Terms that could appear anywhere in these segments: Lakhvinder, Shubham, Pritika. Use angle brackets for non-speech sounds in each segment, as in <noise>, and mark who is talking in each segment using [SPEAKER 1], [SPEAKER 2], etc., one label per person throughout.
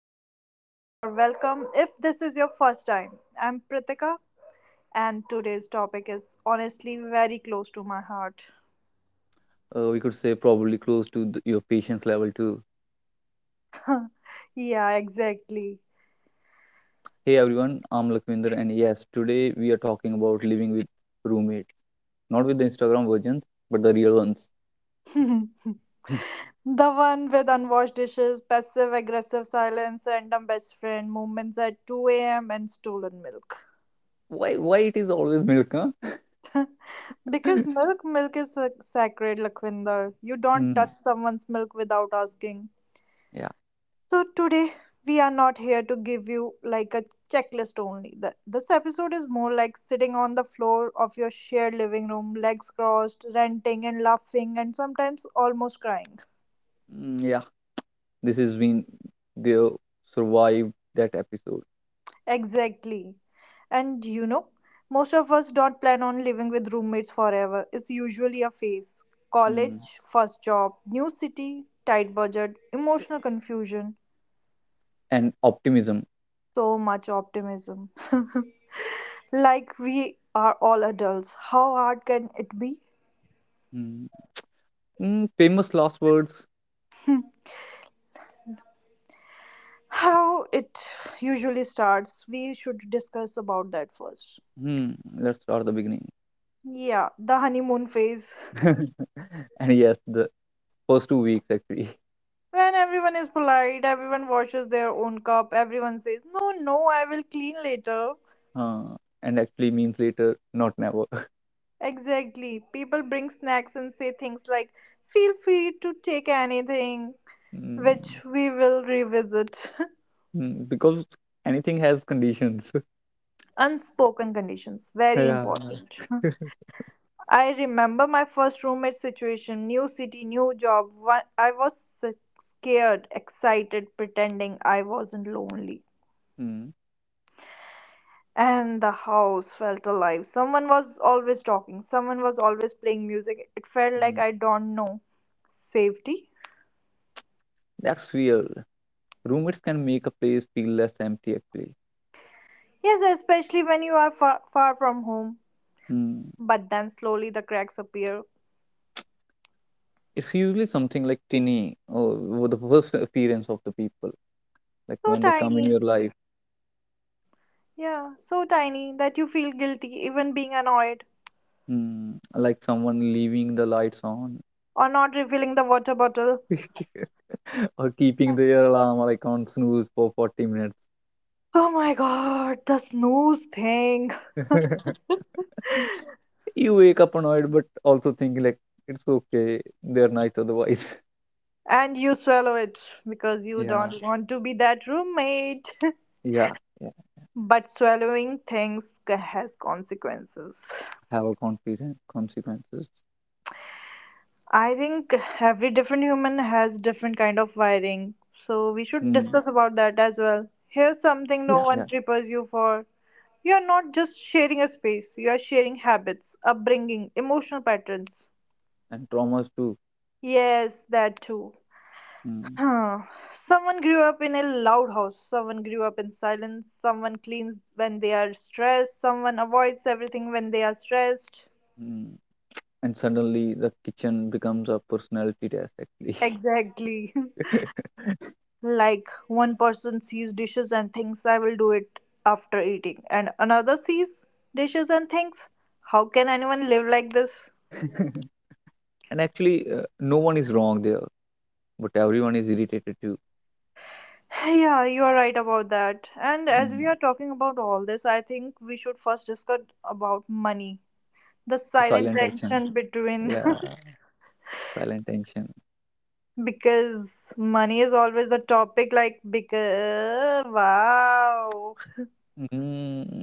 [SPEAKER 1] to the podcast or welcome if this is your first time. I'm Pritika and today's topic is honestly very close to my heart.
[SPEAKER 2] We could say probably close to your patience level too.
[SPEAKER 1] Yeah, exactly.
[SPEAKER 2] Hey everyone, I'm Lakhvinder, and yes, today we are talking about living with roommates, not with the Instagram versions, but the real ones.
[SPEAKER 1] <laughs> The one with unwashed dishes, passive aggressive silence, random best friend, moments at 2 a.m., and stolen milk.
[SPEAKER 2] Why? Why it is always milk? Huh?
[SPEAKER 1] Because milk is sacred, Lakhvinder. You don't
[SPEAKER 2] Mm,
[SPEAKER 1] touch someone's milk without asking.
[SPEAKER 2] yeah,
[SPEAKER 1] So today we are not here to give you like a checklist only. This episode is more like sitting on the floor of your shared living room, legs crossed, ranting and laughing and sometimes almost crying.
[SPEAKER 2] mm, yeah. This has been the survive that episode.
[SPEAKER 1] Exactly. And most of us don't plan on living with roommates forever. It's usually a phase.
[SPEAKER 2] Mm.
[SPEAKER 1] College, first job, new city, tight budget, emotional confusion,
[SPEAKER 2] And optimism.
[SPEAKER 1] so much optimism. <laughs> Like we are all adults. How hard can it be?
[SPEAKER 2] Mm. Mm, famous last words.
[SPEAKER 1] How it usually starts. We should discuss about that first.
[SPEAKER 2] Hmm. Let's start the beginning.
[SPEAKER 1] Yeah, the honeymoon phase.
[SPEAKER 2] <laughs> And yes, the first 2 weeks actually.
[SPEAKER 1] When everyone is polite, everyone washes their own cup, everyone says, "No, no, I will clean later."
[SPEAKER 2] uh, and actually means later, not never. <laughs>
[SPEAKER 1] Exactly. People bring snacks and say things like, "Feel free to take anything,"
[SPEAKER 2] Mm,
[SPEAKER 1] which we will revisit.
[SPEAKER 2] mm, because anything has conditions. <laughs>
[SPEAKER 1] <laughs> Unspoken conditions, very
[SPEAKER 2] Yeah.
[SPEAKER 1] important. I remember my first roommate situation, new city, new job. I was s- scared, excited, pretending I wasn't lonely.
[SPEAKER 2] Mm,
[SPEAKER 1] And the house felt alive. Someone was always talking, someone was always playing music. It felt like,
[SPEAKER 2] mm.
[SPEAKER 1] I don't know. Safety?
[SPEAKER 2] That's real. Roommates can make a place feel less empty actually.
[SPEAKER 1] Yes, especially when you are far, far from home.
[SPEAKER 2] Mm.
[SPEAKER 1] But then slowly the cracks appear.
[SPEAKER 2] It's usually something like tinny or the first appearance of the people, like
[SPEAKER 1] So
[SPEAKER 2] when they come in
[SPEAKER 1] tiny.
[SPEAKER 2] your life,
[SPEAKER 1] Yeah, so tiny that you feel guilty even being annoyed
[SPEAKER 2] mm, like someone leaving the lights on.
[SPEAKER 1] or not refilling the water bottle.
[SPEAKER 2] <laughs> Or keeping their alarm like on snooze for 40 minutes.
[SPEAKER 1] Oh my god, the snooze thing. <laughs>
[SPEAKER 2] <laughs> You wake up annoyed, but also think like it's okay. They're nice otherwise. <laughs>
[SPEAKER 1] And you swallow it because you
[SPEAKER 2] Yeah,
[SPEAKER 1] don't want to be that roommate.
[SPEAKER 2] yeah, yeah.
[SPEAKER 1] <laughs> But swallowing things has consequences.
[SPEAKER 2] Have a confidence, consequences.
[SPEAKER 1] I think every different human has different kind of wiring. So we
[SPEAKER 2] Mm.
[SPEAKER 1] should discuss about that as well. Here's
[SPEAKER 2] Yeah,
[SPEAKER 1] something no
[SPEAKER 2] yeah.
[SPEAKER 1] one prepares you for. You're not just sharing a space, you are sharing habits, upbringing, emotional patterns.
[SPEAKER 2] And traumas too.
[SPEAKER 1] Yes, that too.
[SPEAKER 2] Mm.
[SPEAKER 1] Huh. Someone grew up in a loud house, someone grew up in silence, someone cleans when they are stressed, someone avoids everything when they are stressed.
[SPEAKER 2] Mm. And suddenly the kitchen becomes a personality test actually.
[SPEAKER 1] Exactly. <laughs> Like one person sees dishes and thinks, "I will do it after eating," and another sees dishes and thinks, "How can anyone live like this?"
[SPEAKER 2] <laughs> And actually, no one is wrong there, but everyone is irritated too.
[SPEAKER 1] <sighs> Yeah, you are right about that. And as we
[SPEAKER 2] Mm.
[SPEAKER 1] are talking about all this, I think we should first discuss about money. The silent
[SPEAKER 2] Silent action.
[SPEAKER 1] tension between. <laughs>
[SPEAKER 2] Yeah, silent tension.
[SPEAKER 1] Because money is always the topic, like, because, wow,
[SPEAKER 2] Mm.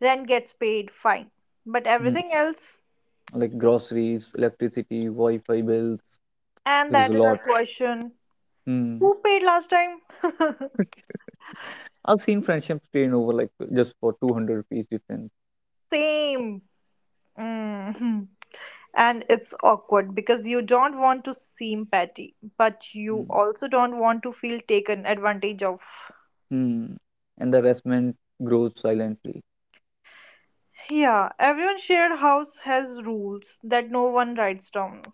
[SPEAKER 1] rent gets paid, fine. But everything
[SPEAKER 2] <laughs>
[SPEAKER 1] else,
[SPEAKER 2] Like groceries, electricity, Wi-Fi bills.
[SPEAKER 1] and
[SPEAKER 2] There is
[SPEAKER 1] that
[SPEAKER 2] a
[SPEAKER 1] is our
[SPEAKER 2] lot.
[SPEAKER 1] question:
[SPEAKER 2] Hmm.
[SPEAKER 1] who paid last time? <laughs>
[SPEAKER 2] I've seen friendships strain over like just for 200 rupees difference.
[SPEAKER 1] Same. Mm. And it's awkward because you don't want to seem petty, but you
[SPEAKER 2] Hmm.
[SPEAKER 1] also don't want to feel taken advantage of.
[SPEAKER 2] Mm. And the resentment grows silently.
[SPEAKER 1] Yeah, everyone shared house has rules that no one writes down.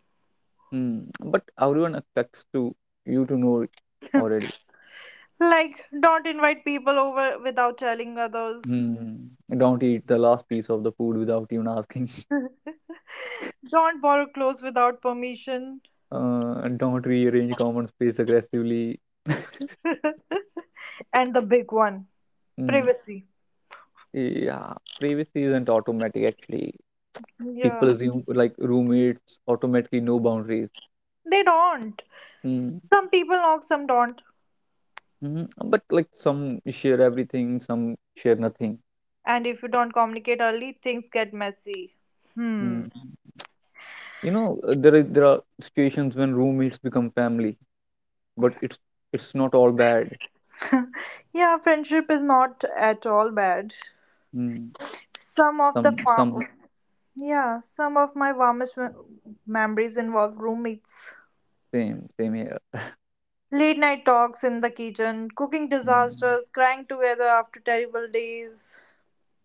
[SPEAKER 2] Hmm. But everyone expects to you to know it already.
[SPEAKER 1] Like, don't invite people over without telling others.
[SPEAKER 2] Hmm. Don't eat the last piece of the food without even asking. <laughs>
[SPEAKER 1] Don't borrow clothes without permission.
[SPEAKER 2] Don't rearrange common space aggressively. <laughs>
[SPEAKER 1] And the big one:
[SPEAKER 2] Mm.
[SPEAKER 1] privacy.
[SPEAKER 2] Yeah, privacy isn't automatic actually.
[SPEAKER 1] Yeah.
[SPEAKER 2] People assume like roommates automatically know boundaries.
[SPEAKER 1] They don't.
[SPEAKER 2] Hmm.
[SPEAKER 1] Some people knock, some don't.
[SPEAKER 2] Mhm. But like some share everything, some share nothing.
[SPEAKER 1] And if you don't communicate early, things get messy.
[SPEAKER 2] Mm.
[SPEAKER 1] Hmm.
[SPEAKER 2] You know, there are situations when roommates become family, but it's not all bad.
[SPEAKER 1] Yeah, friendship is not at all bad.
[SPEAKER 2] Mm.
[SPEAKER 1] Some of the
[SPEAKER 2] Some
[SPEAKER 1] fa- yeah, some of my warmest memories involve roommates.
[SPEAKER 2] Same, same here.
[SPEAKER 1] Late night talks in the kitchen, cooking
[SPEAKER 2] Mm.
[SPEAKER 1] disasters, crying together after terrible days.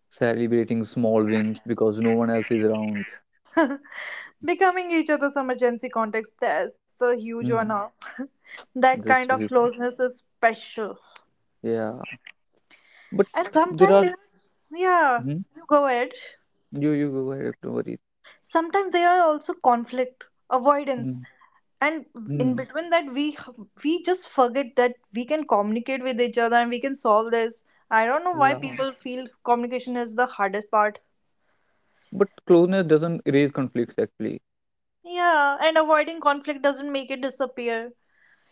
[SPEAKER 2] Celebrating small wins because no one else is around.
[SPEAKER 1] Becoming each other's emergency contacts, that's a huge
[SPEAKER 2] Mm.
[SPEAKER 1] honor. <laughs> That
[SPEAKER 2] This
[SPEAKER 1] kind of
[SPEAKER 2] is fun.
[SPEAKER 1] closeness is special.
[SPEAKER 2] Yeah, but
[SPEAKER 1] And
[SPEAKER 2] there
[SPEAKER 1] sometimes
[SPEAKER 2] are.
[SPEAKER 1] there's, yeah,
[SPEAKER 2] Mhm.
[SPEAKER 1] you go ahead.
[SPEAKER 2] You go ahead. Don't worry.
[SPEAKER 1] Sometimes there are also conflict, avoidance.
[SPEAKER 2] Mm.
[SPEAKER 1] And in
[SPEAKER 2] Mm.
[SPEAKER 1] between that, we just forget that we can communicate with each other and we can solve this. I don't know why
[SPEAKER 2] Yeah,
[SPEAKER 1] people feel communication is the hardest part.
[SPEAKER 2] but closeness doesn't erase conflicts actually.
[SPEAKER 1] Yeah, and avoiding conflict doesn't make it disappear.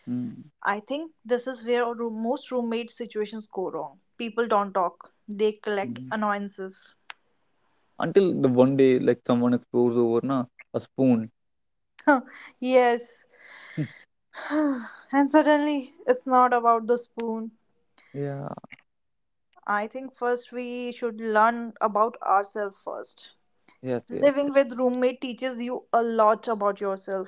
[SPEAKER 2] Mm.
[SPEAKER 1] I think this is where our most roommate situations go wrong. People don't talk, they collect
[SPEAKER 2] Mm.
[SPEAKER 1] annoyances.
[SPEAKER 2] Until the one day like someone explores over na a spoon.
[SPEAKER 1] <laughs> Yes. <sighs> And suddenly, it's not about the spoon.
[SPEAKER 2] <laughs> Yeah.
[SPEAKER 1] I think first we should learn about ourselves first.
[SPEAKER 2] Yes, yes,
[SPEAKER 1] Living
[SPEAKER 2] yes.
[SPEAKER 1] with roommate teaches you a lot about yourself.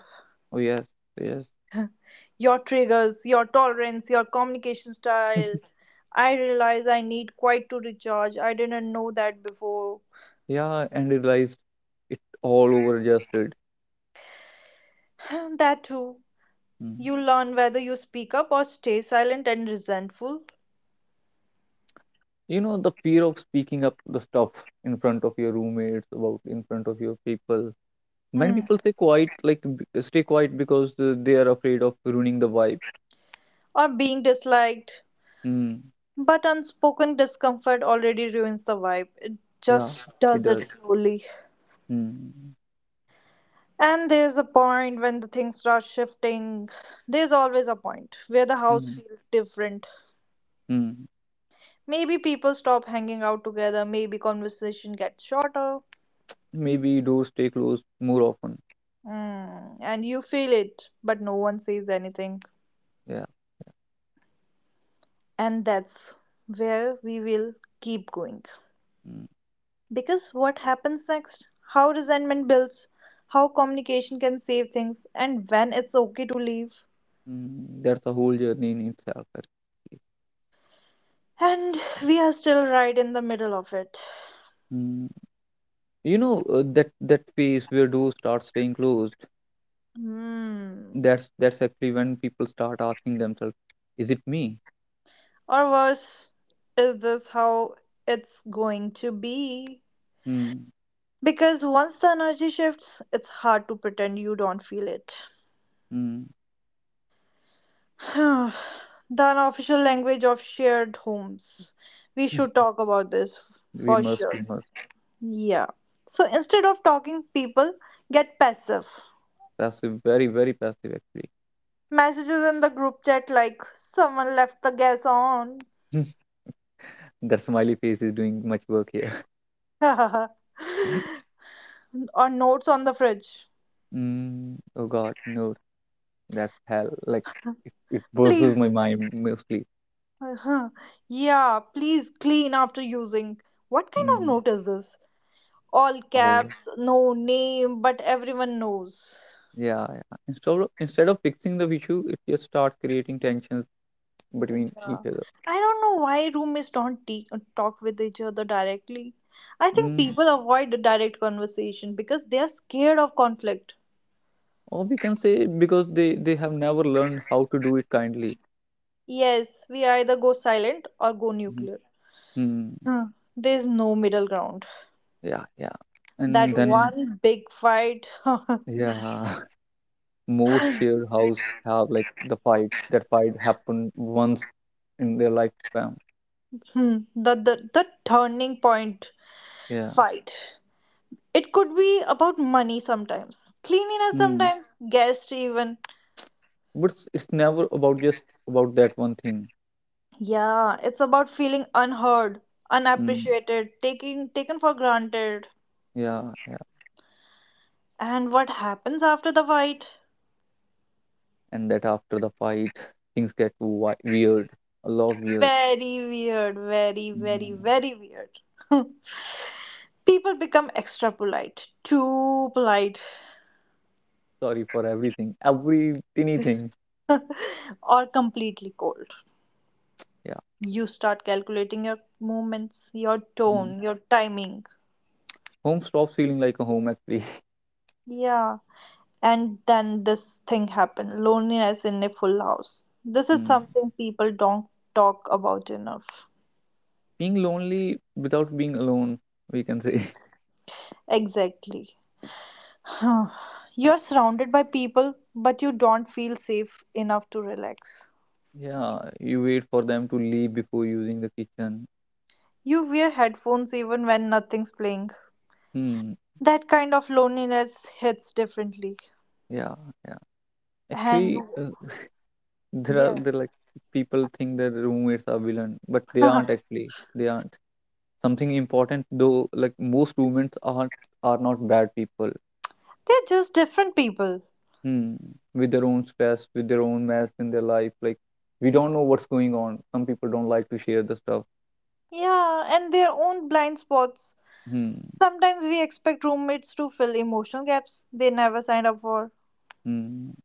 [SPEAKER 2] Oh, yes, yes.
[SPEAKER 1] <laughs> Your triggers, your tolerance, your communication style.
[SPEAKER 2] <laughs>
[SPEAKER 1] I realize I need quiet to recharge. I didn't know that before.
[SPEAKER 2] Yeah, and realized it all over adjusted.
[SPEAKER 1] <sighs> That too.
[SPEAKER 2] Mm.
[SPEAKER 1] You learn whether you speak up or stay silent and resentful,
[SPEAKER 2] You know, the fear of speaking up the stuff in front of your roommates about in front of your people. Many
[SPEAKER 1] hmm.
[SPEAKER 2] people stay quiet because they are afraid of ruining the vibe.
[SPEAKER 1] or being disliked.
[SPEAKER 2] Mm.
[SPEAKER 1] But unspoken discomfort already ruins the vibe. It
[SPEAKER 2] Yeah,
[SPEAKER 1] just
[SPEAKER 2] it
[SPEAKER 1] does it
[SPEAKER 2] does.
[SPEAKER 1] slowly.
[SPEAKER 2] Mm.
[SPEAKER 1] And there's a point when the things start shifting. There's always a point where the house
[SPEAKER 2] Mm.
[SPEAKER 1] feels different.
[SPEAKER 2] Mm.
[SPEAKER 1] Maybe people stop hanging out together, maybe conversation gets shorter.
[SPEAKER 2] Maybe doors stay closed more often.
[SPEAKER 1] And you feel it, but no one says anything.
[SPEAKER 2] Yeah.
[SPEAKER 1] And that's where we will keep going.
[SPEAKER 2] Hmm.
[SPEAKER 1] Because what happens next? How resentment builds, how communication can save things, and when it's okay to leave.
[SPEAKER 2] Mm, that's a whole journey in itself, actually.
[SPEAKER 1] And we are still right in the middle of it.
[SPEAKER 2] Mm, that phase where doors start staying closed.
[SPEAKER 1] Hmm.
[SPEAKER 2] That's actually when people start asking themselves, "Is it me?"
[SPEAKER 1] Or worse, is this how it's going to be?
[SPEAKER 2] Mm,
[SPEAKER 1] Because once the energy shifts, it's hard to pretend you don't feel it.
[SPEAKER 2] mm.
[SPEAKER 1] <sighs> The unofficial language of shared homes. We should
[SPEAKER 2] <laughs>
[SPEAKER 1] talk about this
[SPEAKER 2] We
[SPEAKER 1] for
[SPEAKER 2] must,
[SPEAKER 1] sure.
[SPEAKER 2] we must.
[SPEAKER 1] Yeah. So instead of talking, people get passive.
[SPEAKER 2] Passive, very, very passive, actually.
[SPEAKER 1] Messages in the group chat like "someone left the gas on"
[SPEAKER 2] <laughs> That smiley face is doing much work here. <laughs>
[SPEAKER 1] <laughs> or notes on the fridge.
[SPEAKER 2] Mm, oh God, no, that's hell. Like it bursts
[SPEAKER 1] Please. <laughs>
[SPEAKER 2] my mind mostly.
[SPEAKER 1] Uh-huh. Yeah, "please clean after using." What kind of
[SPEAKER 2] Mm,
[SPEAKER 1] note is this? All
[SPEAKER 2] all
[SPEAKER 1] caps, no name, but everyone knows.
[SPEAKER 2] yeah, yeah. Instead of fixing the issue, it just starts creating tensions between each
[SPEAKER 1] Yeah.
[SPEAKER 2] other.
[SPEAKER 1] I don't know why roommates don't talk with each other directly. I think
[SPEAKER 2] Mm.
[SPEAKER 1] people avoid the direct conversation because they are scared of conflict.
[SPEAKER 2] Or we can say because they have never learned how to do it kindly.
[SPEAKER 1] Yes, we either go silent or go
[SPEAKER 2] Mhm.
[SPEAKER 1] nuclear.
[SPEAKER 2] Mm.
[SPEAKER 1] Huh. There's no middle ground.
[SPEAKER 2] Yeah, yeah, and
[SPEAKER 1] That
[SPEAKER 2] then.
[SPEAKER 1] one big fight. <laughs>
[SPEAKER 2] Yeah. <laughs> Most shared house have like the fight that fight happened once in their lifetime.
[SPEAKER 1] Hmm, the the turning point
[SPEAKER 2] Yeah.
[SPEAKER 1] fight. It could be about money sometimes, cleanliness
[SPEAKER 2] Mm.
[SPEAKER 1] sometimes, guests even.
[SPEAKER 2] But it's never about just about that one thing.
[SPEAKER 1] Yeah, it's about feeling unheard,
[SPEAKER 2] Mm.
[SPEAKER 1] unappreciated, taken for granted.
[SPEAKER 2] Yeah, yeah,
[SPEAKER 1] And what happens after the fight?
[SPEAKER 2] and that after the fight, things get weird, a lot weird.
[SPEAKER 1] Very weird, very, very,
[SPEAKER 2] Mhm.
[SPEAKER 1] very weird. <laughs> People become extra polite, too polite,
[SPEAKER 2] Sorry for everything, every tiny thing.
[SPEAKER 1] or completely cold. You start calculating your movements, your
[SPEAKER 2] Mhm.
[SPEAKER 1] tone, your timing.
[SPEAKER 2] Home stops feeling like a home actually. <laughs>
[SPEAKER 1] Yeah. And then this thing happened: loneliness in a full house. This is
[SPEAKER 2] Mm.
[SPEAKER 1] something people don't talk about enough.
[SPEAKER 2] Being lonely without being alone, we can say.
[SPEAKER 1] Exactly. <sighs> You're surrounded by people, but you don't feel safe enough to relax.
[SPEAKER 2] <laughs> Yeah, you wait for them to leave before using the kitchen.
[SPEAKER 1] You wear headphones even when nothing's playing.
[SPEAKER 2] Hmm.
[SPEAKER 1] That kind of loneliness hits differently.
[SPEAKER 2] Yeah, yeah.
[SPEAKER 1] And
[SPEAKER 2] Actually, there are
[SPEAKER 1] yeah,
[SPEAKER 2] there like people think their roommates are villain, but
[SPEAKER 1] <laughs>
[SPEAKER 2] they aren't
[SPEAKER 1] they're
[SPEAKER 2] actually. They aren't. Something important though, like most roommates are not bad people.
[SPEAKER 1] just different people.
[SPEAKER 2] Hmm. With their own stress, with their own mess in their life, like we don't know what's going on. Some people don't like to share the stuff.
[SPEAKER 1] Yeah, and their own blind spots.
[SPEAKER 2] Hmm.
[SPEAKER 1] Sometimes we expect roommates to fill emotional gaps they never signed up for.
[SPEAKER 2] Mm.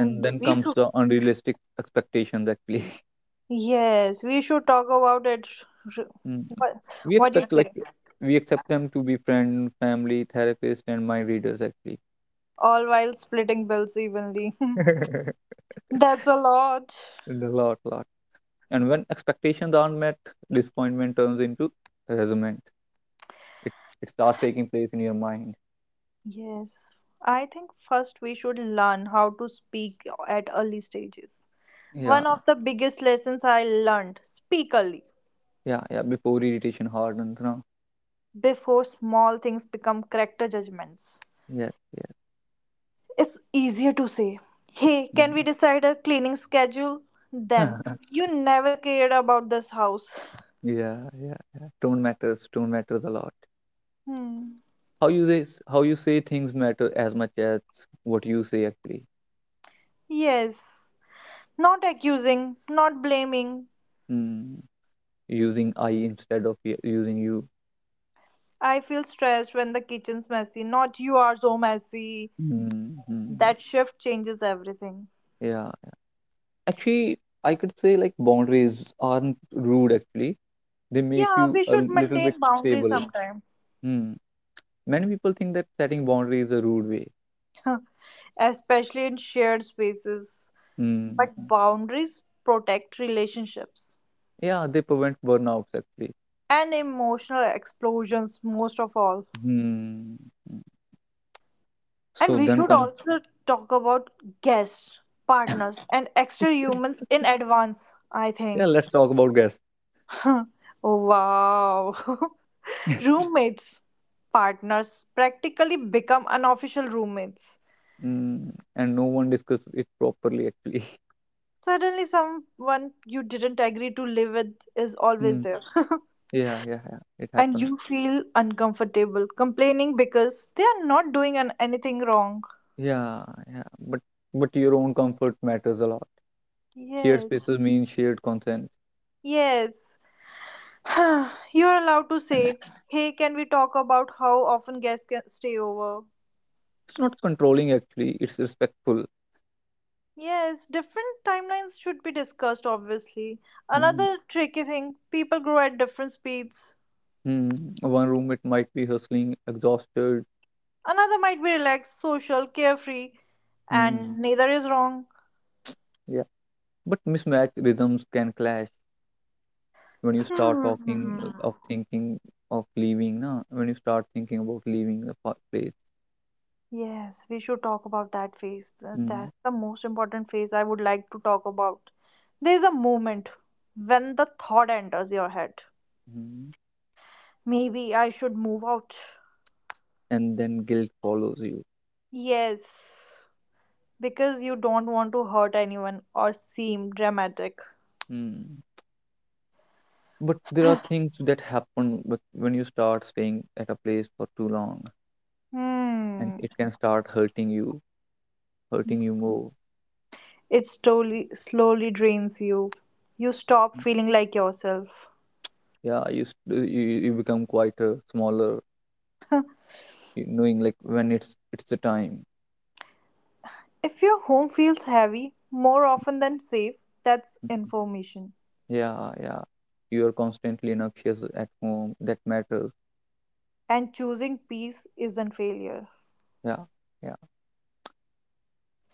[SPEAKER 2] And then
[SPEAKER 1] we
[SPEAKER 2] comes
[SPEAKER 1] should,
[SPEAKER 2] the unrealistic expectations actually. <laughs>
[SPEAKER 1] yes, we should talk about it.
[SPEAKER 2] Mm.
[SPEAKER 1] What,
[SPEAKER 2] We
[SPEAKER 1] what do you
[SPEAKER 2] expect like
[SPEAKER 1] say?
[SPEAKER 2] we accept them to be friend, family, therapist, and mind readers actually.
[SPEAKER 1] All while splitting bills evenly.
[SPEAKER 2] <laughs>
[SPEAKER 1] <laughs> That's a lot.
[SPEAKER 2] And a lot, lot. And when expectations aren't met, disappointment turns into resentment. It it starts taking place in your mind.
[SPEAKER 1] Yes. I think first we should learn how to speak at early stages.
[SPEAKER 2] Yeah,
[SPEAKER 1] One of the biggest lessons I learned: speak early,
[SPEAKER 2] yeah, yeah. Before irritation hardens, no.
[SPEAKER 1] before small things become character judgments.
[SPEAKER 2] Yes, yes.
[SPEAKER 1] It's easier to say, "Hey, can
[SPEAKER 2] Mm.
[SPEAKER 1] we decide a cleaning schedule?" Then
[SPEAKER 2] <laughs>
[SPEAKER 1] "you never cared about this house."
[SPEAKER 2] Yeah, yeah, yeah. Tone matters. Tone matters a lot.
[SPEAKER 1] Hmm.
[SPEAKER 2] how you say how you say things matter as much as what you say actually.
[SPEAKER 1] Yes. Not accusing, not blaming.
[SPEAKER 2] Mm. Using I instead of using you.
[SPEAKER 1] "I feel stressed when the kitchen's messy," not "you are so messy."
[SPEAKER 2] Mm-hmm.
[SPEAKER 1] That shift changes everything.
[SPEAKER 2] Yeah, actually I could say like boundaries aren't rude actually, they make
[SPEAKER 1] Yeah,
[SPEAKER 2] you
[SPEAKER 1] we
[SPEAKER 2] a
[SPEAKER 1] should
[SPEAKER 2] little bit
[SPEAKER 1] maintain boundaries
[SPEAKER 2] stable.
[SPEAKER 1] sometime,
[SPEAKER 2] Mm. Many people think that setting boundaries is a rude way.
[SPEAKER 1] especially in shared spaces. But
[SPEAKER 2] Mm.
[SPEAKER 1] boundaries protect relationships
[SPEAKER 2] Yeah, they prevent burnouts actually.
[SPEAKER 1] and emotional explosions, most of all.
[SPEAKER 2] Mm.
[SPEAKER 1] And
[SPEAKER 2] So
[SPEAKER 1] we
[SPEAKER 2] then
[SPEAKER 1] should
[SPEAKER 2] come.
[SPEAKER 1] also talk about guests, partners, and extra humans in advance, I
[SPEAKER 2] Yeah,
[SPEAKER 1] think.
[SPEAKER 2] let's talk about guests.
[SPEAKER 1] <laughs> Wow. <laughs>
[SPEAKER 2] <laughs>
[SPEAKER 1] Roommates, partners practically become unofficial roommates.
[SPEAKER 2] Mm. And no one discusses it properly actually.
[SPEAKER 1] Suddenly, someone you didn't agree to live with is always
[SPEAKER 2] <laughs>
[SPEAKER 1] there,
[SPEAKER 2] Yeah, yeah, yeah. It
[SPEAKER 1] and
[SPEAKER 2] happens.
[SPEAKER 1] you feel uncomfortable complaining because they are not doing anything wrong.
[SPEAKER 2] Yeah, yeah. But your own comfort matters a lot. Shared
[SPEAKER 1] Yes,
[SPEAKER 2] spaces mean shared consent.
[SPEAKER 1] yes. <sighs> You are allowed to say, "Hey, can we talk about how often guests can stay over?"
[SPEAKER 2] It's not controlling actually, it's respectful.
[SPEAKER 1] Yes, different timelines should be discussed, obviously.
[SPEAKER 2] Mm-hmm.
[SPEAKER 1] Another tricky thing: people grow at different speeds.
[SPEAKER 2] Mm-hmm. One roommate might be hustling, exhausted.
[SPEAKER 1] Another might be relaxed, social, carefree,
[SPEAKER 2] Mm,
[SPEAKER 1] and neither is wrong.
[SPEAKER 2] yeah. But mismatched rhythms can clash when you start talking
[SPEAKER 1] Hmm.
[SPEAKER 2] of thinking of leaving, na? When you start thinking about leaving the place.
[SPEAKER 1] Yes, we should talk about that phase. That's the most important phase I would like to talk about. There's a moment when the thought enters your head:
[SPEAKER 2] Mm-hmm.
[SPEAKER 1] "Maybe I should move out."
[SPEAKER 2] And then guilt follows you.
[SPEAKER 1] Yes, because you don't want to hurt anyone or seem dramatic.
[SPEAKER 2] Mm. But there are things that happen when you start staying at a place for too long, and
[SPEAKER 1] Hmm.
[SPEAKER 2] it can start hurting you more.
[SPEAKER 1] It slowly slowly drains you. You stop feeling like yourself.
[SPEAKER 2] Yeah, you become quieter, smaller, knowing like when it's the time.
[SPEAKER 1] If your home feels heavy more often than safe, that's information.
[SPEAKER 2] Yeah, yeah. You are constantly anxious at home. That matters.
[SPEAKER 1] And choosing peace isn't failure.
[SPEAKER 2] Yeah, yeah.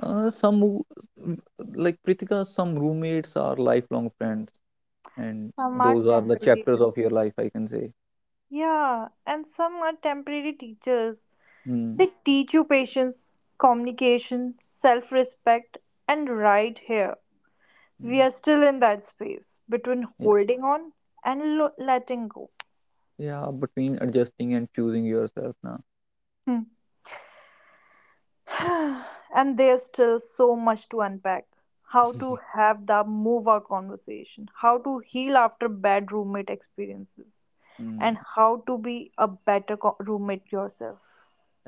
[SPEAKER 2] Uh, some w- w- like Pritika, some roommates are lifelong friends, and
[SPEAKER 1] Some are
[SPEAKER 2] those are the
[SPEAKER 1] temporary
[SPEAKER 2] chapters
[SPEAKER 1] teachers.
[SPEAKER 2] of your life, I can say.
[SPEAKER 1] Yeah, and some are temporary teachers.
[SPEAKER 2] Hmm.
[SPEAKER 1] They teach you patience, communication, self respect, and right here. We
[SPEAKER 2] Hmm,
[SPEAKER 1] are still in that space between holding on and letting go.
[SPEAKER 2] yeah, between adjusting and choosing yourself now.
[SPEAKER 1] <laughs> And there's still so much to unpack. How to have the move out conversation, how to heal after bad roommate experiences,
[SPEAKER 2] Mm.
[SPEAKER 1] and how to be a better roommate yourself.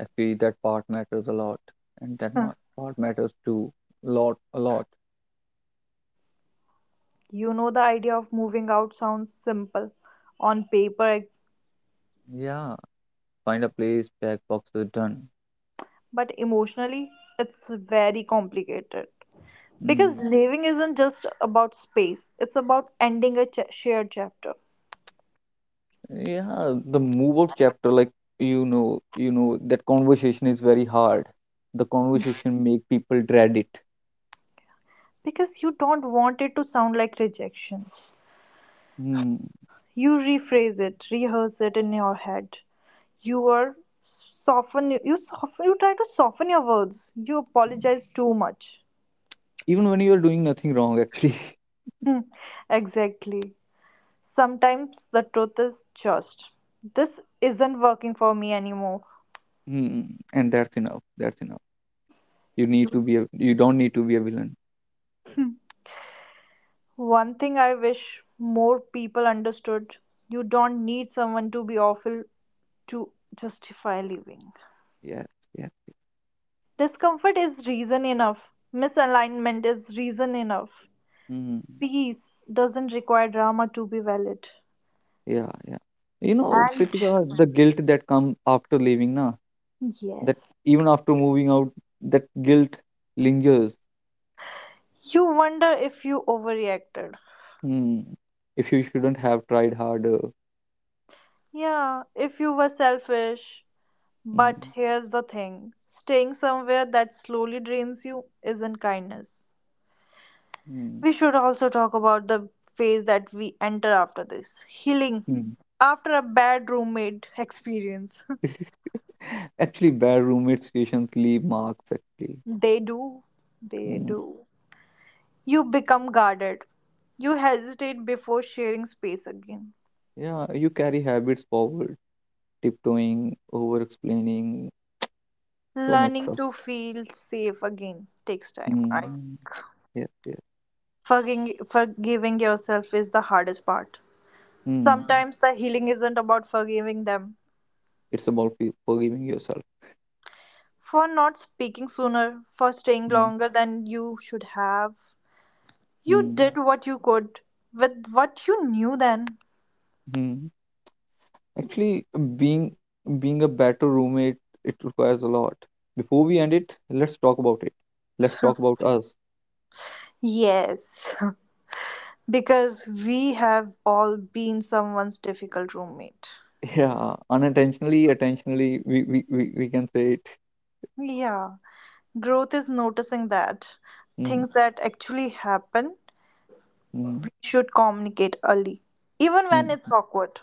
[SPEAKER 2] Actually, that part matters a lot, and that
[SPEAKER 1] Huh.
[SPEAKER 2] part matters too. Lot, a lot.
[SPEAKER 1] The idea of moving out sounds simple on paper,
[SPEAKER 2] Yeah, find a place, pack boxes, done.
[SPEAKER 1] but emotionally, it's very complicated. Because
[SPEAKER 2] Mm.
[SPEAKER 1] living isn't just about space, it's about ending a shared chapter.
[SPEAKER 2] Yeah, the move out chapter, like you know that conversation is very hard. The conversation make people dread it.
[SPEAKER 1] Because you don't want it to sound like rejection.
[SPEAKER 2] Mm.
[SPEAKER 1] You rephrase it, rehearse it in your head. You try to soften your words. You apologize too much.
[SPEAKER 2] Even when you are doing nothing wrong, actually. <laughs>
[SPEAKER 1] Hmm, exactly. Sometimes the truth is just, "this isn't working for me anymore."
[SPEAKER 2] Mm. And that's enough. That's enough.
[SPEAKER 1] You
[SPEAKER 2] You don't need to be a villain.
[SPEAKER 1] One thing I wish more people understood: you don't need someone to be awful to justify leaving.
[SPEAKER 2] Yes. Yes.
[SPEAKER 1] Discomfort is reason enough, misalignment is reason enough.
[SPEAKER 2] Mm.
[SPEAKER 1] Peace doesn't require drama to be valid.
[SPEAKER 2] Yeah, yeah. You know,
[SPEAKER 1] And
[SPEAKER 2] Pritika, the guilt that comes after leaving, na, that
[SPEAKER 1] yes,
[SPEAKER 2] even after moving out, that guilt lingers.
[SPEAKER 1] you wonder if you overreacted.
[SPEAKER 2] Hmm. If you shouldn't have tried harder.
[SPEAKER 1] Yeah, if you were selfish. But
[SPEAKER 2] Hmm.
[SPEAKER 1] here's the thing: staying somewhere that slowly drains you isn't kindness.
[SPEAKER 2] Hmm.
[SPEAKER 1] We should also talk about the phase that we enter after this, healing
[SPEAKER 2] Hmm.
[SPEAKER 1] after a bad roommate experience. <laughs>
[SPEAKER 2] <laughs> Actually, bad roommate situations leave marks, actually.
[SPEAKER 1] They do. They
[SPEAKER 2] Hmm.
[SPEAKER 1] do. You become guarded. You hesitate before sharing space again.
[SPEAKER 2] Yeah, you carry habits forward, tiptoeing, over explaining, so much
[SPEAKER 1] Learning
[SPEAKER 2] stuff.
[SPEAKER 1] to feel safe again takes time. I
[SPEAKER 2] Hmm. Yes, yes.
[SPEAKER 1] forgiving forgiving yourself is the hardest part.
[SPEAKER 2] Hmm.
[SPEAKER 1] Sometimes the healing isn't about forgiving them,
[SPEAKER 2] It's about forgiving yourself.
[SPEAKER 1] for not speaking sooner, for staying
[SPEAKER 2] Hmm.
[SPEAKER 1] longer than you should have. You
[SPEAKER 2] Hmm.
[SPEAKER 1] did what you could with what you knew then.
[SPEAKER 2] Hmm. Actually, being a better roommate, it requires a lot. Before we end it, let's talk about it. Let's talk about us.
[SPEAKER 1] Yes, <laughs> because we have all been someone's difficult roommate.
[SPEAKER 2] <laughs> Yeah, unintentionally, intentionally, we can say it.
[SPEAKER 1] Yeah, growth is noticing that,
[SPEAKER 2] Mm,
[SPEAKER 1] things that actually happen,
[SPEAKER 2] mm,
[SPEAKER 1] should communicate early, even when it's
[SPEAKER 2] mm.
[SPEAKER 1] awkward.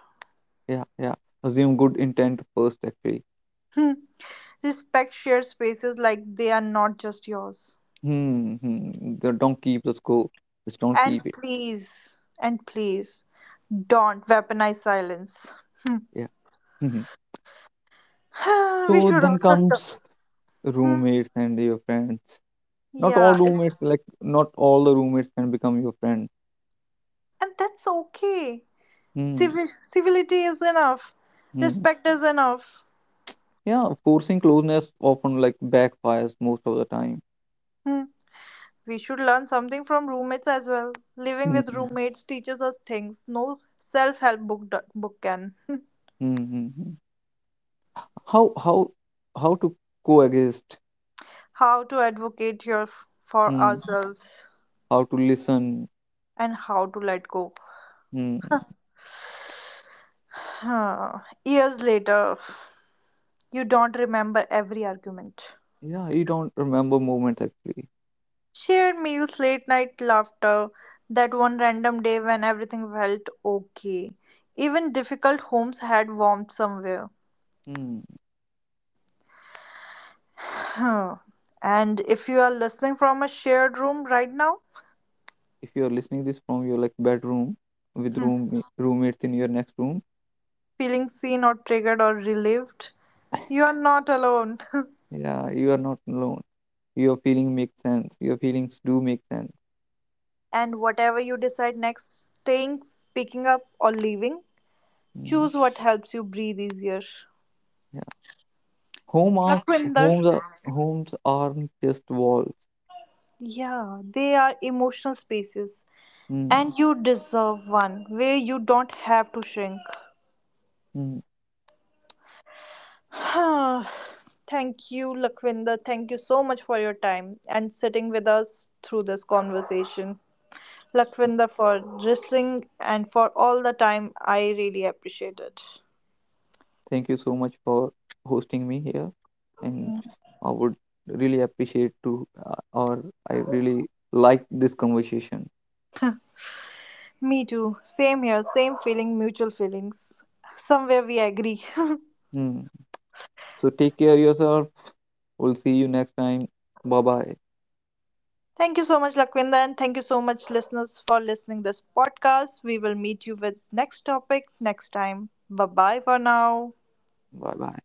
[SPEAKER 2] Yeah, yeah. Assume good intent first, actually.
[SPEAKER 1] Hmm. Respect shared spaces like they are not just yours.
[SPEAKER 2] Hmm, hmm. Don't keep the score. Just don't keep it.
[SPEAKER 1] And please, don't weaponize silence.
[SPEAKER 2] Yeah. Mhm.
[SPEAKER 1] <sighs> We
[SPEAKER 2] So
[SPEAKER 1] should
[SPEAKER 2] then
[SPEAKER 1] also talk.
[SPEAKER 2] comes
[SPEAKER 1] Hmm.
[SPEAKER 2] roommates and your friends.
[SPEAKER 1] Yeah,
[SPEAKER 2] Not all the roommates can become your friend.
[SPEAKER 1] and that's okay.
[SPEAKER 2] Hmm.
[SPEAKER 1] Civility is enough.
[SPEAKER 2] Hmm.
[SPEAKER 1] Respect is enough.
[SPEAKER 2] Yeah, forcing closeness often like backfires most of the time.
[SPEAKER 1] Hmm. We should learn something from roommates as well. Living with
[SPEAKER 2] Mm-hmm.
[SPEAKER 1] roommates teaches us things no self help book can. <laughs>
[SPEAKER 2] How how how to coexist?
[SPEAKER 1] How to advocate for
[SPEAKER 2] Mm.
[SPEAKER 1] ourselves,
[SPEAKER 2] How to listen?
[SPEAKER 1] and how to let go.
[SPEAKER 2] Mm.
[SPEAKER 1] Huh. Years later, you don't remember every argument.
[SPEAKER 2] Yeah, you don't remember moments actually.
[SPEAKER 1] Shared meals, late night laughter, that one random day when everything felt okay. Even difficult homes had warmth somewhere.
[SPEAKER 2] Mm.
[SPEAKER 1] Huh. And if you are listening from a shared room right now,
[SPEAKER 2] If you're listening this from your like bedroom with roommates in your next room,
[SPEAKER 1] feeling seen or triggered or relieved, you are not alone. <laughs>
[SPEAKER 2] yeah, you are not alone. Your feeling makes sense. Your feelings do make sense.
[SPEAKER 1] And whatever you decide next, staying, speaking up, or leaving,
[SPEAKER 2] Mm.
[SPEAKER 1] choose what helps you breathe easier.
[SPEAKER 2] Yeah, home are
[SPEAKER 1] Lakwinder,
[SPEAKER 2] homes aren't just walls.
[SPEAKER 1] yeah, they are emotional spaces,
[SPEAKER 2] Mm.
[SPEAKER 1] and you deserve one where you don't have to shrink. <sighs> Thank you, Lakwinder. Thank you so much for your time and sitting with us through this conversation. Lakwinder, for listening and for all the time, I really appreciate it.
[SPEAKER 2] Thank you so much for hosting me here, and I would really appreciate to, or I really like this conversation.
[SPEAKER 1] Me too. Same here. Same feeling, mutual feelings. Somewhere we agree. <laughs>
[SPEAKER 2] Hmm. So take care yourself. We'll see you next time. Bye bye.
[SPEAKER 1] Thank you so much, Lakwinda, and thank you so much, listeners, for listening this podcast. We will meet you with next topic next time. Bye bye for now.
[SPEAKER 2] Bye bye.